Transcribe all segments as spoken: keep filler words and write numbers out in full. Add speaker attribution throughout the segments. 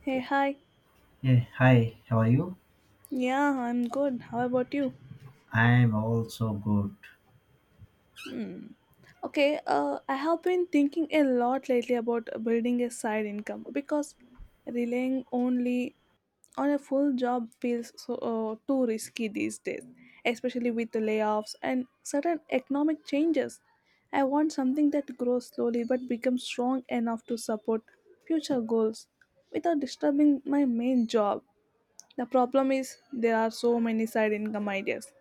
Speaker 1: Hey, hi.
Speaker 2: Hey, hi, how are you?
Speaker 1: Yeah, I'm good. How about you?
Speaker 2: I'm also good.
Speaker 1: Hmm. Okay, uh, I have been thinking a lot lately about building a side income because relying only on a full job feels so uh, too risky these days, especially with the layoffs and certain economic changes. I want something that grows slowly but becomes strong enough to support future goals without disturbing my main job. The problem is there are so many side income ideas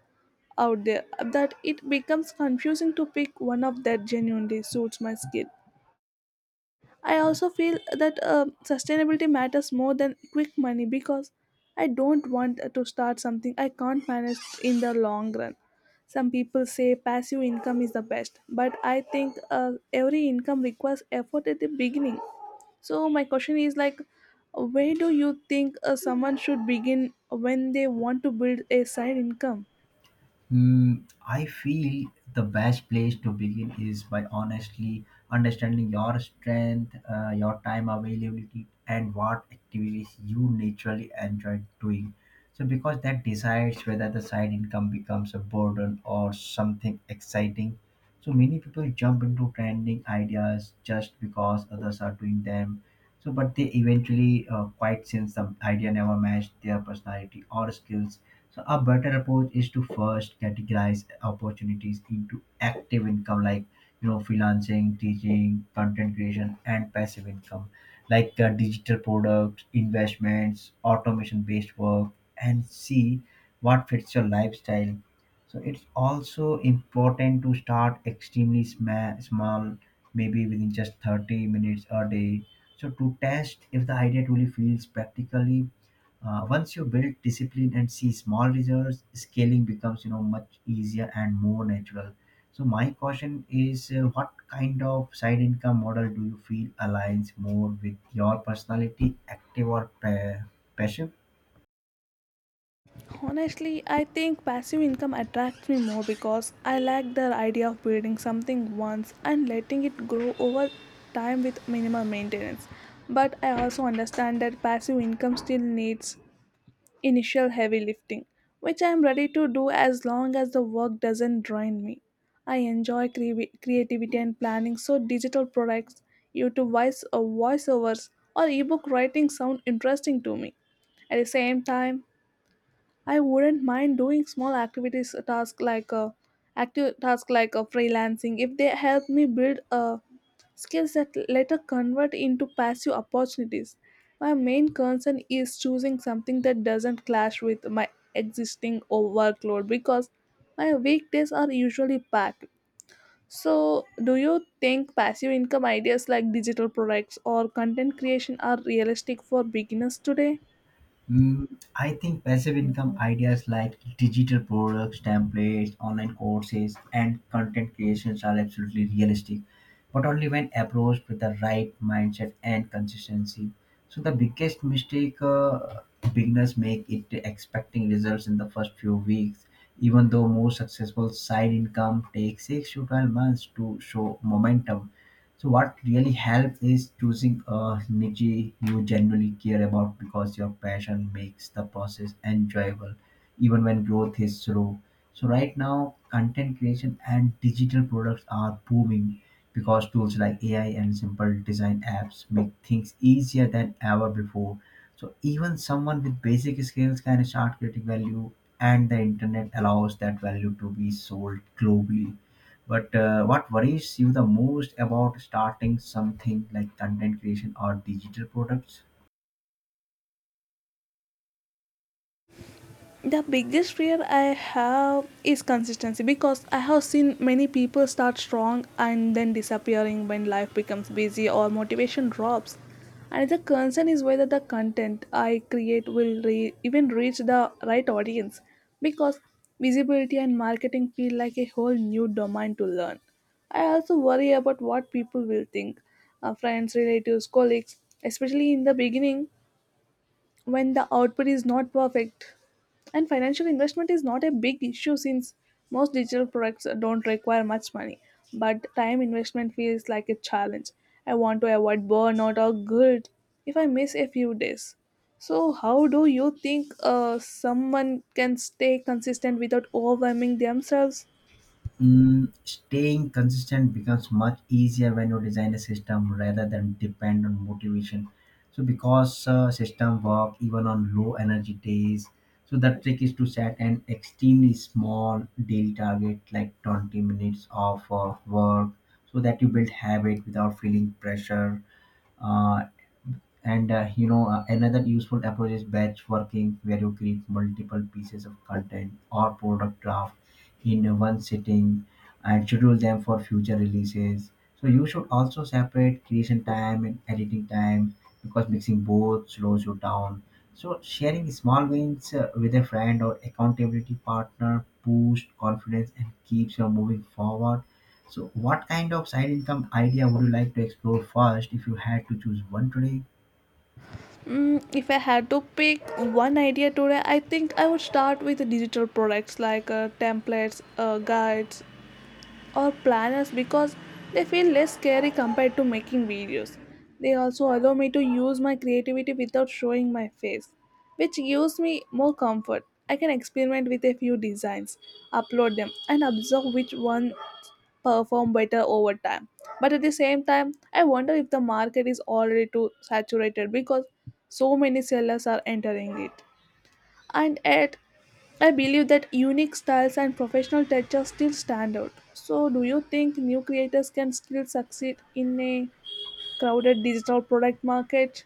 Speaker 1: out there that it becomes confusing to pick one of that genuinely suits my skill. I also feel that uh, sustainability matters more than quick money because I don't want to start something I can't manage in the long run. Some people say passive income is the best, but I think uh, every income requires effort at the beginning. So my question is like, where do you think uh, someone should begin when they want to build a side income?
Speaker 2: Mm, I feel the best place to begin is by honestly understanding your strength, uh, your time availability, and what activities you naturally enjoy doing. So, because that decides whether the side income becomes a burden or something exciting. So, many people jump into trending ideas just because others are doing them. So, but they eventually uh, quite since the idea never matched their personality or skills, so a better approach is to first categorize opportunities into active income, like you know freelancing, teaching, content creation, and passive income, like uh, digital products, investments, automation-based work, and see what fits your lifestyle. So it's also important to start extremely sma- small, maybe within just thirty minutes a day. So to test if the idea truly feels practically. Uh, once you build discipline and see small results, scaling becomes you know much easier and more natural. So my question is, uh, what kind of side income model do you feel aligns more with your personality, active or pa- passive?
Speaker 1: Honestly, I think passive income attracts me more because I like the idea of building something once and letting it grow over time with minimal maintenance. But I also understand that passive income still needs initial heavy lifting, which I am ready to do as long as the work doesn't drain me. I enjoy cre- creativity and planning, so digital products, YouTube voice or voiceovers, or ebook writing sound interesting to me. At the same time, I wouldn't mind doing small activities a task like a active task like a freelancing if they help me build a skills that later convert into passive opportunities. My main concern is choosing something that doesn't clash with my existing o- workload because my weekdays are usually packed. So, do you think passive income ideas like digital products or content creation are realistic for beginners today?
Speaker 2: Mm, I think passive income ideas like digital products, templates, online courses, and content creations are absolutely realistic, but only when approached with the right mindset and consistency. So the biggest mistake uh, beginners make it expecting results in the first few weeks, even though most successful side income takes six to twelve months to show momentum. So what really helps is choosing a niche you genuinely care about, because your passion makes the process enjoyable, even when growth is slow. So right now, content creation and digital products are booming because tools like A I and simple design apps make things easier than ever before. So even someone with basic skills can start creating value, and the internet allows that value to be sold globally. But uh, what worries you the most about starting something like content creation or digital products?
Speaker 1: The biggest fear I have is consistency because I have seen many people start strong and then disappearing when life becomes busy or motivation drops. And the concern is whether the content I create will re- even reach the right audience because visibility and marketing feel like a whole new domain to learn. I also worry about what people will think, uh, friends, relatives, colleagues, especially in the beginning when the output is not perfect. And financial investment is not a big issue since most digital products don't require much money, but time investment feels like a challenge. I want to avoid burnout or guilt if I miss a few days. So, how do you think uh, someone can stay consistent without overwhelming themselves?
Speaker 2: Mm, staying consistent becomes much easier when you design a system rather than depend on motivation. So, because uh, system work even on low energy days, so the trick is to set an extremely small daily target, like twenty minutes of uh, work, so that you build habit without feeling pressure. Uh, and uh, you know uh, another useful approach is batch working, where you create multiple pieces of content or product draft in one sitting and schedule them for future releases. So you should also separate creation time and editing time, because mixing both slows you down. So sharing small wins uh, with a friend or accountability partner boosts confidence and keeps you moving forward. So what kind of side income idea would you like to explore first if you had to choose one today?
Speaker 1: Mm, if I had to pick one idea today, I think I would start with digital products like uh, templates, uh, guides, or planners because they feel less scary compared to making videos. They also allow me to use my creativity without showing my face, which gives me more comfort. I can experiment with a few designs, upload them, and observe which one perform better over time. But at the same time, I wonder if the market is already too saturated because so many sellers are entering it and yet I believe that unique styles and professional touches still stand out. So, do you think new creators can still succeed in a crowded digital product market?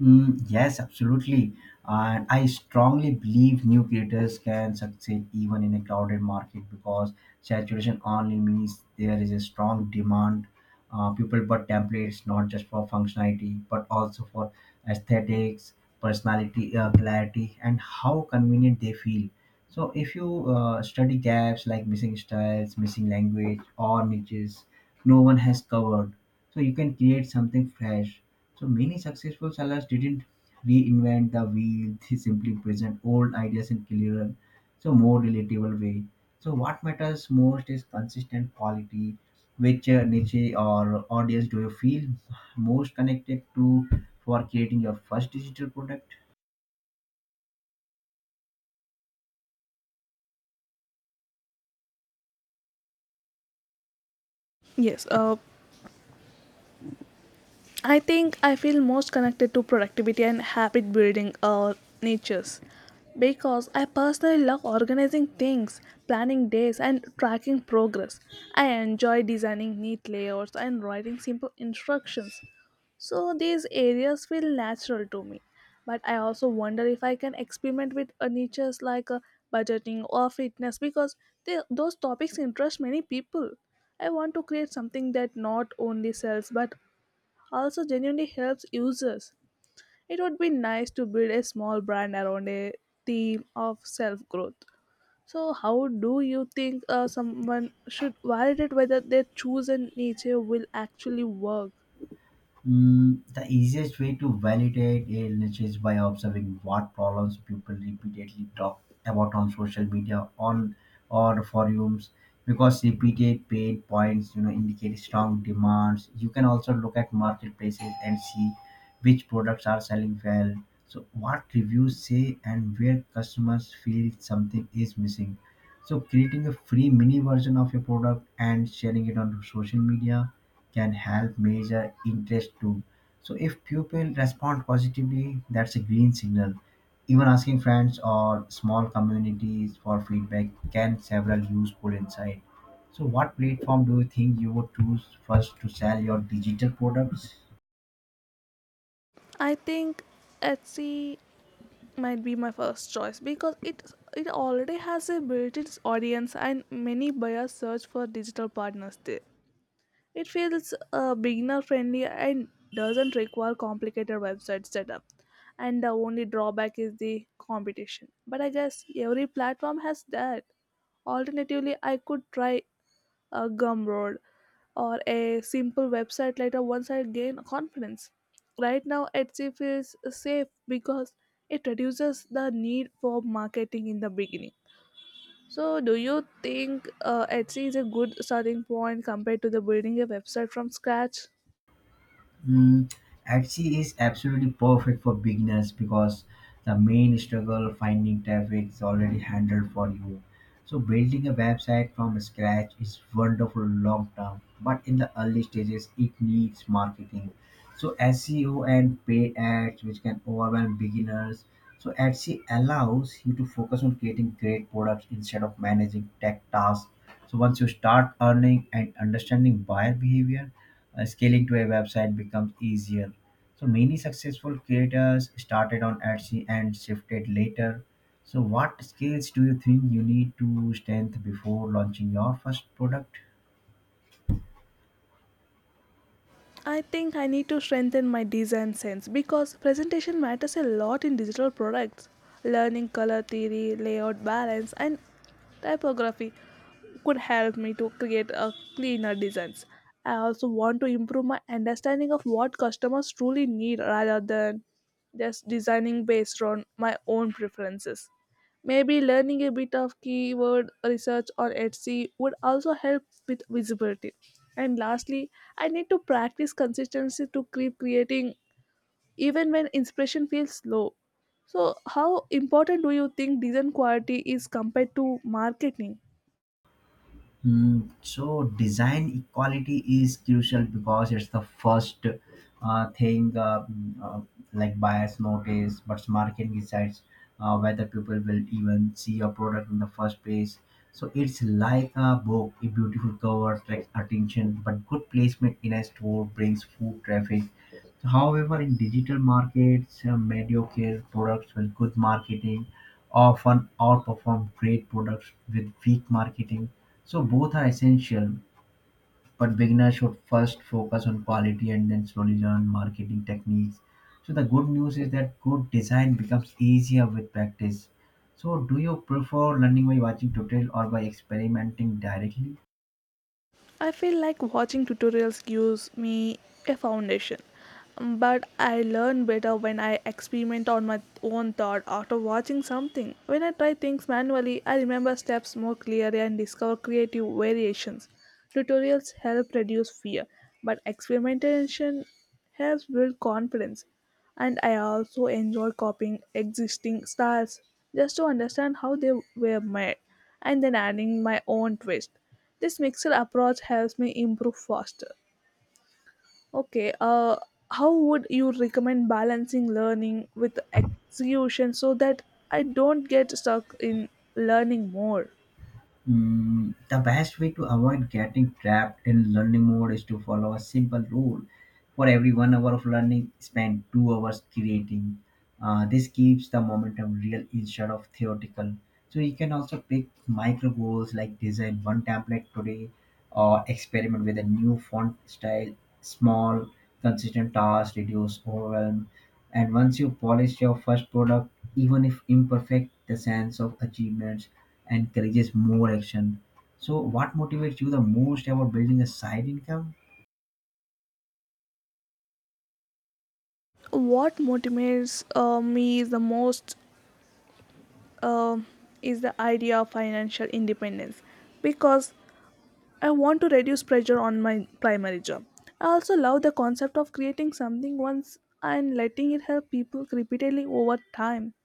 Speaker 2: Mm, yes, absolutely. And I strongly believe new creators can succeed even in a crowded market, because saturation only means there is a strong demand. Uh, people but templates not just for functionality but also for aesthetics, personality, uh, clarity, and how convenient they feel. So, if you uh, study gaps like missing styles, missing language, or niches no one has covered, so you can create something fresh. So many successful sellers didn't reinvent the wheel, they simply present old ideas in clearer, so more relatable way. So what matters most is consistent quality. Which uh, niche or audience do you feel most connected to for creating your first digital product?
Speaker 1: Yes, uh, I think I feel most connected to productivity and habit building uh, natures because I personally love organizing things, planning days, and tracking progress. I enjoy designing neat layouts and writing simple instructions. So these areas feel natural to me. But I also wonder if I can experiment with uh, niches like uh, budgeting or fitness because they, those topics interest many people. I want to create something that not only sells but also genuinely helps users. It would be nice to build a small brand around a theme of self growth. So, how do you think uh, someone should validate whether their chosen niche will actually work?
Speaker 2: Mm, the easiest way to validate a niche is by observing what problems people repeatedly talk about on social media on or forums, because repeated paid points you know indicate strong demands. You can also look at marketplaces and see which products are selling well, so what reviews say and where customers feel something is missing. So creating a free mini version of your product and sharing it on social media can help measure interest too. So if pupil respond positively, that's a green signal. Even asking friends or small communities for feedback can several useful insight. So what platform do you think you would choose first to sell your digital products?
Speaker 1: I think Etsy might be my first choice because it it already has a built-in audience and many buyers search for digital partners there. It feels uh, beginner friendly and doesn't require complicated website setup. And the only drawback is the competition. But I guess every platform has that. Alternatively, I could try a Gumroad, or a simple website later once I gain confidence. Right now, Etsy feels safe because it reduces the need for marketing in the beginning. So, do you think uh, Etsy is a good starting point compared to the building a website from scratch?
Speaker 2: Mm, Axie is absolutely perfect for beginners, because the main struggle finding traffic is already handled for you. So building a website from scratch is wonderful long term, but in the early stages it needs marketing. So S E O and paid ads which can overwhelm beginners. So Etsy allows you to focus on creating great products instead of managing tech tasks. So once you start earning and understanding buyer behavior, uh, scaling to a website becomes easier. So many successful creators started on Etsy and shifted later. So what skills do you think you need to strengthen before launching your first product?
Speaker 1: I think I need to strengthen my design sense because presentation matters a lot in digital products. Learning color theory, layout balance, and typography could help me to create a cleaner designs. I also want to improve my understanding of what customers truly need rather than just designing based on my own preferences. Maybe learning a bit of keyword research or Etsy would also help with visibility. And lastly, I need to practice consistency to keep creating even when inspiration feels low. So, how important do you think design quality is compared to marketing?
Speaker 2: Mm, so design equality is crucial, because it's the first uh, thing uh, mm, uh, like buyers notice, but marketing decides uh, whether people will even see your product in the first place. So it's like a book, a beautiful cover attracts attention, but good placement in a store brings food traffic. However, in digital markets, uh, mediocre products with good marketing often outperform great products with weak marketing. So both are essential, but beginners should first focus on quality and then slowly learn marketing techniques. So the good news is that good design becomes easier with practice. So do you prefer learning by watching tutorial or by experimenting directly?
Speaker 1: I feel like watching tutorials gives me a foundation, but I learn better when I experiment on my own thought after watching something. When I try things manually, I remember steps more clearly and discover creative variations. Tutorials help reduce fear, but experimentation has built confidence and I also enjoy copying existing styles just to understand how they were made and then adding my own twist. This mixed approach helps me improve faster. Okay, uh, how would you recommend balancing learning with execution so that I don't get stuck in learning more?
Speaker 2: Mm, the best way to avoid getting trapped in learning mode is to follow a simple rule. For every one hour of learning, spend two hours creating. Uh, this keeps the momentum real instead of theoretical. So you can also pick micro goals like design one template today or experiment with a new font style, small, consistent tasks, reduce overwhelm. And once you polish your first product, even if imperfect, the sense of achievements encourages more action. So, what motivates you the most about building a side income?
Speaker 1: What motivates uh, me the most um is the idea of financial independence because I want to reduce pressure on my primary job. I also love the concept of creating something once and letting it help people repeatedly over time.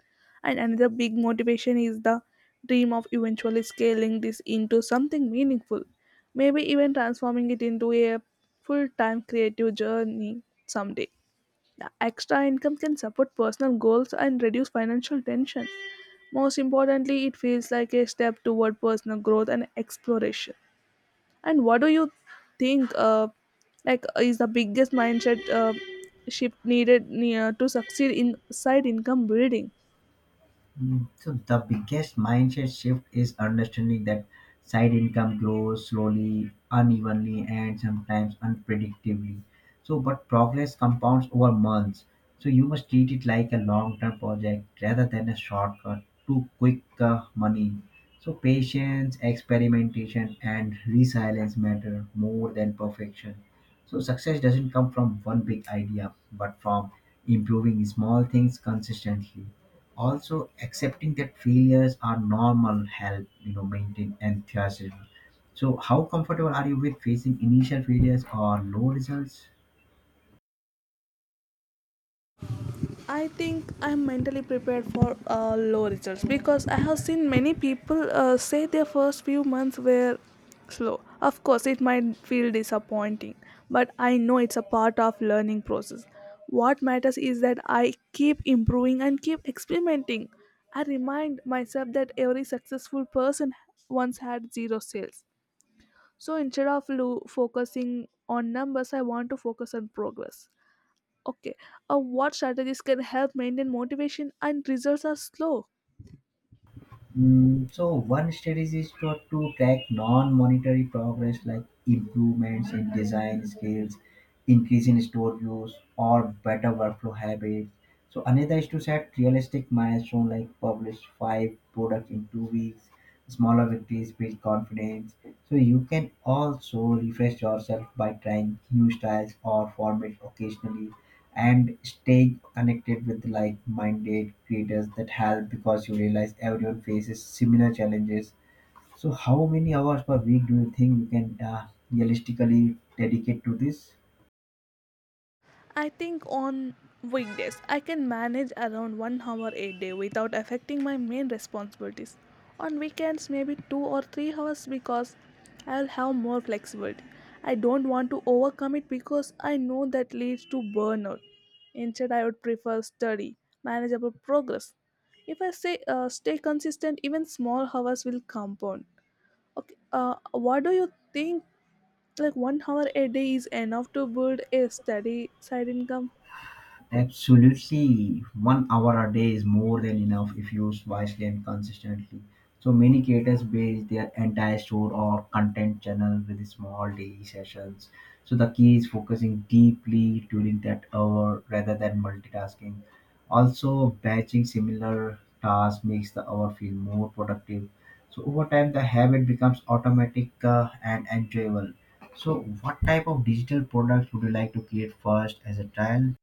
Speaker 1: And another big motivation is the dream of eventually scaling this into something meaningful, maybe even transforming it into a full time creative journey someday. The extra income can support personal goals and reduce financial tension. Most importantly, it feels like a step toward personal growth and exploration. And what do you think? Uh, like uh, is the biggest mindset uh, shift needed near to succeed in side income building?
Speaker 2: Mm, So the biggest mindset shift is understanding that side income grows slowly, unevenly, and sometimes unpredictably. So, but progress compounds over months. So you must treat it like a long-term project rather than a shortcut to quick uh, money. So patience, experimentation, and resilience matter more than perfection. So success doesn't come from one big idea, but from improving small things consistently, also accepting that failures are normal help you know maintain enthusiasm. So how comfortable are you with facing initial failures or low results?
Speaker 1: I think I'm mentally prepared for uh, low results because I have seen many people uh, say their first few months were slow. Of course, it might feel disappointing, but I know it's a part of learning process. What matters is that I keep improving and keep experimenting. I remind myself that every successful person once had zero sales. So instead of lo- focusing on numbers, I want to focus on progress. Okay, uh, what strategies can help maintain motivation and results are slow?
Speaker 2: Mm, so one strategy is to, to track non-monetary progress like improvements in design skills, increase in store use, or better workflow habits. So another is to set realistic milestone like publish five products in two weeks. Smaller victories build confidence. So you can also refresh yourself by trying new styles or formats occasionally, and staying connected with like-minded creators that help, because you realize everyone faces similar challenges. So how many hours per week do you think you can uh, realistically dedicate to this?
Speaker 1: I think on weekdays, I can manage around one hour a day without affecting my main responsibilities. On weekends, maybe two or three hours because I'll have more flexibility. I don't want to overcommit because I know that leads to burnout. Instead, I would prefer study, manageable progress. If I say uh, stay consistent, even small hours will compound. Okay, uh, what do you think? Like one hour a day is enough to build a steady side income?
Speaker 2: Absolutely, one hour a day is more than enough if used wisely and consistently. So many creators base their entire store or content channel with small daily sessions. So the key is focusing deeply during that hour rather than multitasking. Also, batching similar tasks makes the hour feel more productive. So over time, the habit becomes automatic uh, and enjoyable. So, what type of digital products would you like to create first as a trial?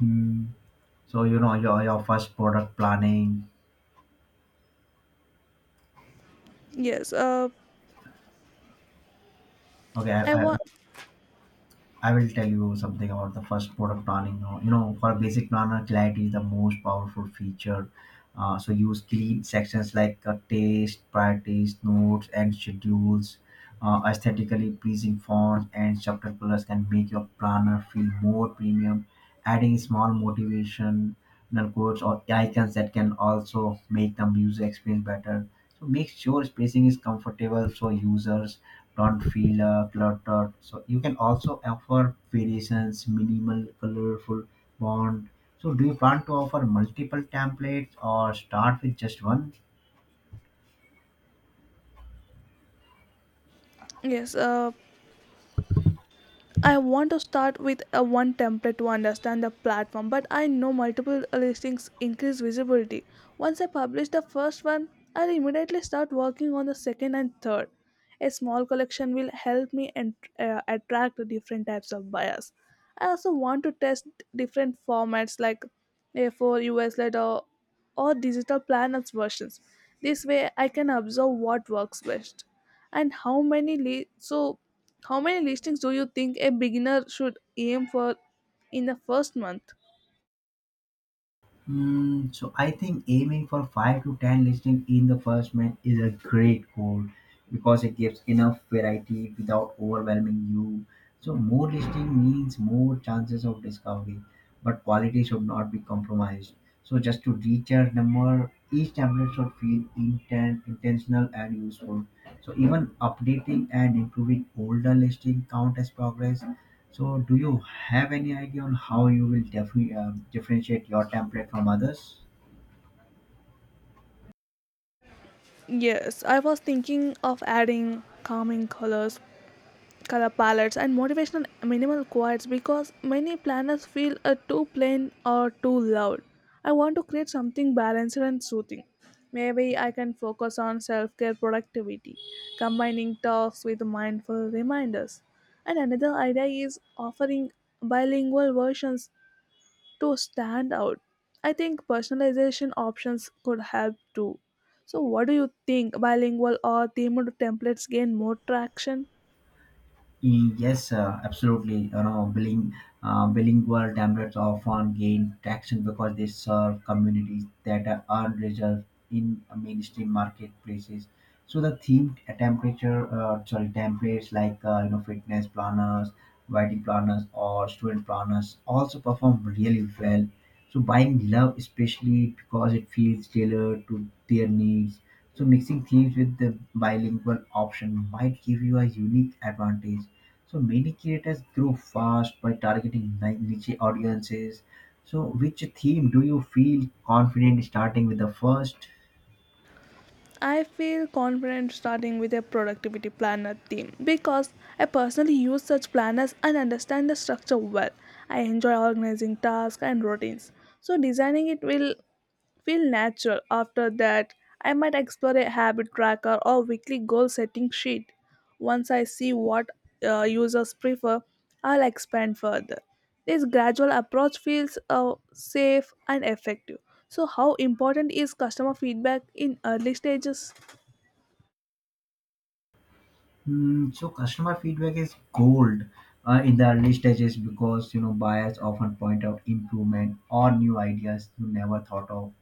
Speaker 2: Hmm. So you know your your first product planning.
Speaker 1: Yes. Uh,
Speaker 2: Okay,
Speaker 1: I
Speaker 2: I, I,
Speaker 1: want.
Speaker 2: I will tell you something about the first product planning. Now, you know, for a basic planner, clarity is the most powerful feature. Uh, so use clean sections like uh, taste, priorities, notes, and schedules. Uh, aesthetically pleasing fonts and subtle colors can make your planner feel more premium. Adding small motivational quotes or icons that can also make the user experience better. So make sure spacing is comfortable for users don't feel uh, cluttered. So you can also offer variations, minimal, colorful bond. So do you plan to offer multiple templates or start with just one?
Speaker 1: Yes. Uh, I want to start with a one template to understand the platform, but I know multiple listings increase visibility. Once I publish the first one, I'll immediately start working on the second and third. A small collection will help me and, uh, attract different types of buyers. I also want to test different formats like A four U S letter or digital planners versions. This way I can observe what works best and how many li- so how many listings do you think a beginner should aim for in the first month?
Speaker 2: Mm, so I think aiming for five to ten listing in the first month is a great goal, because it gives enough variety without overwhelming you. So more listing means more chances of discovery, but quality should not be compromised. So just to reach your number, each template should feel intent, intentional, and useful. So even updating and improving older listing count as progress. So do you have any idea on how you will defi- um differentiate your template from others?
Speaker 1: Yes, I was thinking of adding calming colors color palettes and motivational minimal quotes because many planners feel uh, too plain or too loud. I want to create something balanced and soothing. Maybe I can focus on self care productivity, combining talks with mindful reminders. And another idea is offering bilingual versions to stand out. I think personalization options could help too. So, what do you think? Bilingual or themed templates gain more traction?
Speaker 2: E, Yes, uh, absolutely. You know, biling, uh, bilingual templates often gain traction, because they serve communities that are unreserved in mainstream marketplaces. So the themed temperature, uh, sorry, templates like uh, you know fitness planners, wedding planners, or student planners also perform really well. So buying love, especially because it feels tailored to their needs. So mixing themes with the bilingual option might give you a unique advantage. So many creators grow fast by targeting ni- niche audiences. So which theme do you feel confident starting with the first?
Speaker 1: I feel confident starting with a productivity planner theme because I personally use such planners and understand the structure well. I enjoy organizing tasks and routines, so designing it will feel natural. After that, I might explore a habit tracker or weekly goal setting sheet. Once I see what uh, users prefer, I'll expand further. This gradual approach feels uh, safe and effective. So, how important is customer feedback in early stages?
Speaker 2: Mm, so customer feedback is gold uh, in the early stages because you know buyers often point out improvement or new ideas you never thought of.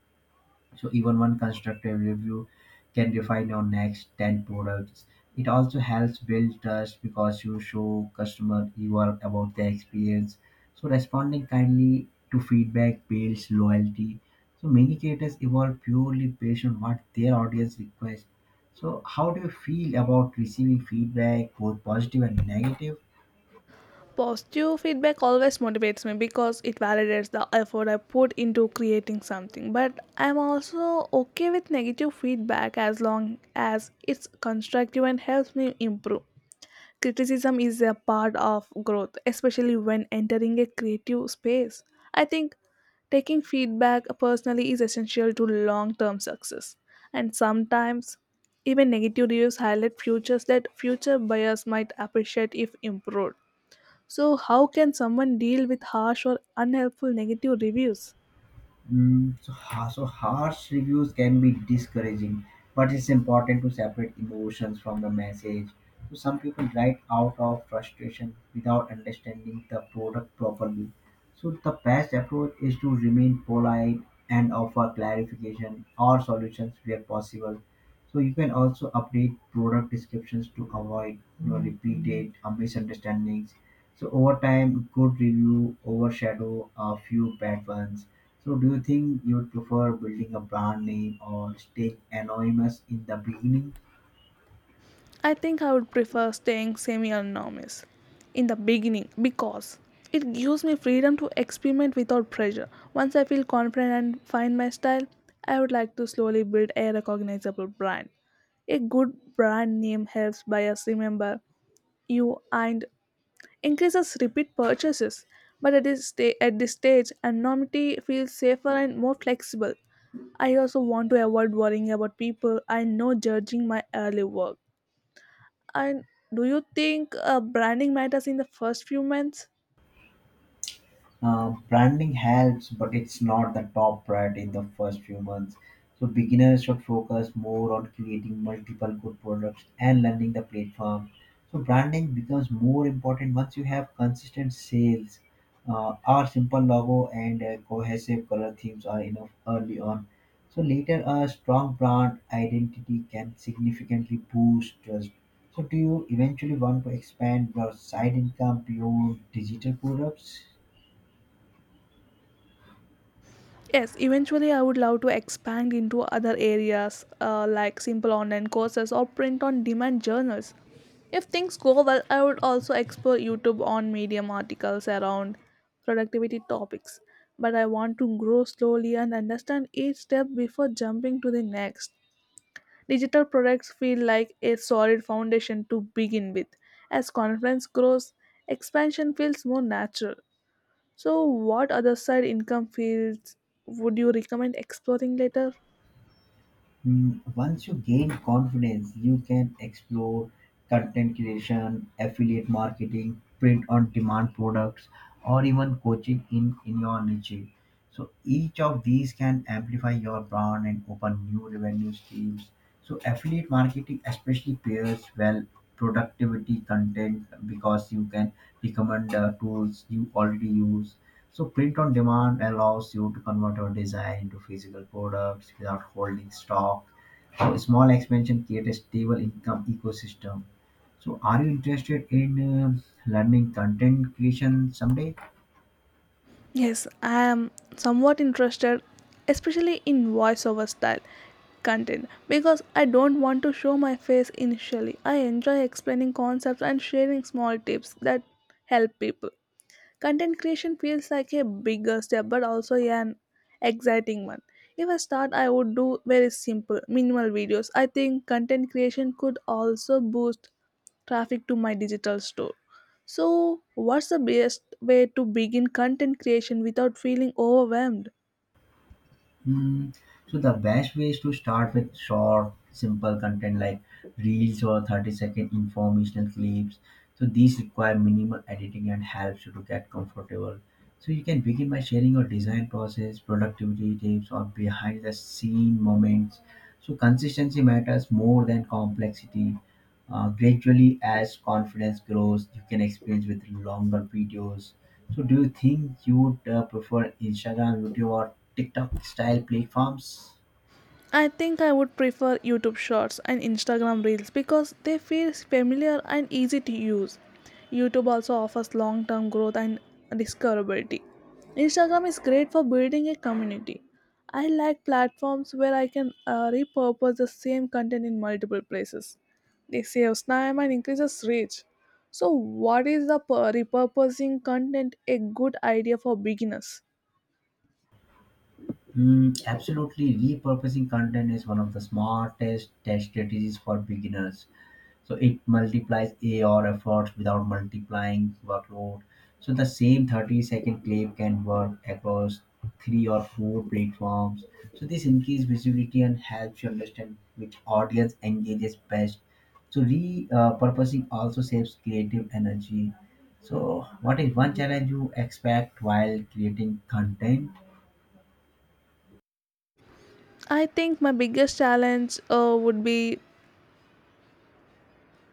Speaker 2: So even one constructive review can refine your next ten products. It also helps build trust because you show customer you are about their experience. So responding kindly to feedback builds loyalty. So many creators evolve purely based on what their audience requests. So how do you feel about receiving feedback, both positive and negative?
Speaker 1: Positive feedback always motivates me because it validates the effort I put into creating something. But I'm also okay with negative feedback as long as it's constructive and helps me improve. Criticism is a part of growth, especially when entering a creative space. I think taking feedback personally is essential to long term success. And sometimes, even negative reviews highlight features that future buyers might appreciate if improved. So, how can someone deal with harsh or unhelpful negative reviews?
Speaker 2: Mm, so, ha- so harsh reviews can be discouraging, but it's important to separate emotions from the message. So some people write out of frustration without understanding the product properly. So the best approach is to remain polite and offer clarification or solutions where possible. So you can also update product descriptions to avoid you know, repeated uh, misunderstandings. So over time, good review overshadow a few bad ones. So, do you think you'd prefer building a brand name or staying anonymous in the beginning?
Speaker 1: I think I would prefer staying semi anonymous in the beginning because it gives me freedom to experiment without pressure. Once I feel confident and find my style, I would like to slowly build a recognizable brand. A good brand name helps buyers remember you and increases repeat purchases, but at this, sta- at this stage, anonymity feels safer and more flexible. I also want to avoid worrying about people I know judging my early work. And do you think uh, branding matters in the first few months?
Speaker 2: Uh, branding helps, but it's not the top priority in the first few months. So beginners should focus more on creating multiple good products and learning the platform. So branding becomes more important once you have consistent sales. Uh, our simple logo and uh, cohesive color themes are enough early on. So later a strong brand identity can significantly boost trust. So do you eventually want to expand your side income beyond digital products?
Speaker 1: Yes, eventually I would love to expand into other areas uh, like simple online courses or print on demand journals. If things go well, I would also explore YouTube on Medium articles around productivity topics. But I want to grow slowly and understand each step before jumping to the next. Digital products feel like a solid foundation to begin with. As confidence grows, expansion feels more natural. So, what other side income fields would you recommend exploring later?
Speaker 2: Mm, once you gain confidence, you can explore content creation, affiliate marketing, print on demand products, or even coaching in, in your niche. So each of these can amplify your brand and open new revenue streams. So affiliate marketing especially pairs well productivity content because you can recommend uh, tools you already use. So print on demand allows you to convert your design into physical products without holding stock. So a small expansion creates a stable income ecosystem. So are you interested in uh, learning content creation someday?
Speaker 1: Yes, I am somewhat interested, especially in voiceover style content, because I don't want to show my face initially. I enjoy explaining concepts and sharing small tips that help people. Content creation feels like a bigger step, but also an exciting one. If I start, I would do very simple, minimal videos. I think content creation could also boost traffic to my digital store. So, what's the best way to begin content creation without feeling overwhelmed?
Speaker 2: Hmm. So the best way is to start with short, simple content like reels or thirty-second informational clips. So these require minimal editing and helps you to get comfortable. So you can begin by sharing your design process, productivity tips, or behind the scene moments. So consistency matters more than complexity. Uh, gradually, as confidence grows, you can experience with longer videos. So, do you think you would uh, prefer Instagram, YouTube, or TikTok style platforms?
Speaker 1: I think I would prefer YouTube Shorts and Instagram Reels because they feel familiar and easy to use. YouTube also offers long term growth and discoverability. Instagram is great for building a community. I like platforms where I can uh, repurpose the same content in multiple places. They saves time and increases reach. So, what is the pur- repurposing content a good idea for beginners?
Speaker 2: Mm, absolutely, repurposing content is one of the smartest test strategies for beginners. So it multiplies A R efforts without multiplying workload. So the same thirty second clip can work across three or four platforms. So this increases visibility and helps you understand which audience engages best. So repurposing also saves creative energy. So what is one challenge you expect while creating content?
Speaker 1: I think my biggest challenge uh, would be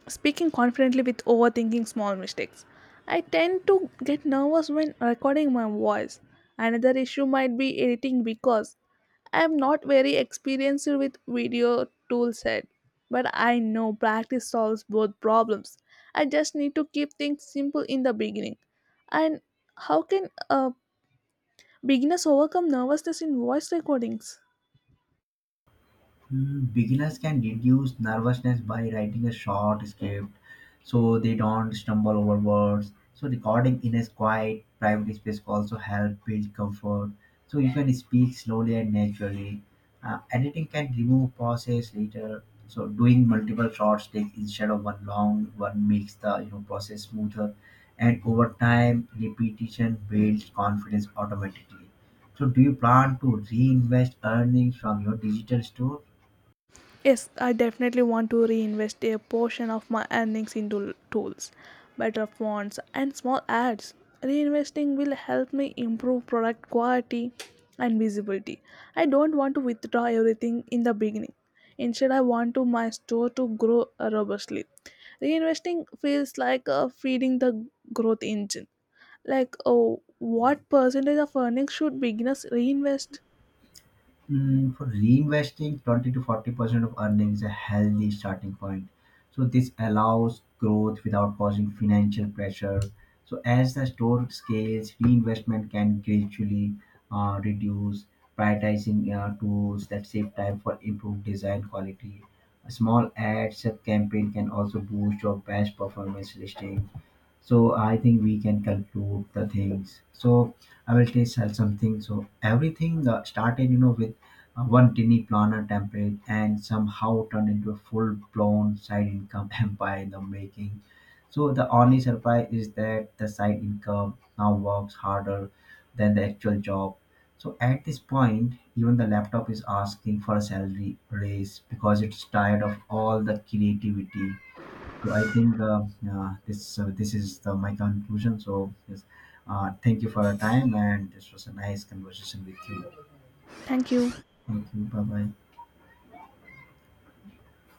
Speaker 1: speaking confidently with overthinking small mistakes. I tend to get nervous when recording my voice. Another issue might be editing because I am not very experienced with video toolset. But I know practice solves both problems. I just need to keep things simple in the beginning. And how can uh, beginners overcome nervousness in voice recordings?
Speaker 2: Mm, beginners can reduce nervousness by writing a short script so they don't stumble over words. So recording in a quiet, private space also help build comfort. So you can speak slowly and naturally. Uh, editing can remove pauses later. So doing multiple short takes instead of one long one makes the you know process smoother, and over time repetition builds confidence automatically. So do you plan to reinvest earnings from your digital store?
Speaker 1: Yes, I definitely want to reinvest a portion of my earnings into tools, better fonts, and small ads. Reinvesting will help me improve product quality and visibility. I don't want to withdraw everything in the beginning. Instead, I want to my store to grow uh, robustly. Reinvesting feels like uh, feeding the growth engine. Like, oh, what percentage of earnings should beginners reinvest?
Speaker 2: Mm, for reinvesting, twenty to forty percent of earnings is a healthy starting point. So, this allows growth without causing financial pressure. So, as the store scales, reinvestment can gradually uh, reduce, prioritizing uh, tools that save time for improved design quality. A small ads campaign can also boost your best performance listing. So I think we can conclude the things. So I will tell something. So everything uh, started you know with uh, one tiny planner template and somehow turned into a full-blown side income empire in the making. So the only surprise is that the side income now works harder than the actual job. So at this point even the laptop is asking for a salary raise because it's tired of all the creativity. So I think uh, uh, this uh, this is the, my conclusion. So yes, uh, thank you for your time, and this was a nice conversation with you.
Speaker 1: Thank you.
Speaker 2: Thank you. Bye bye.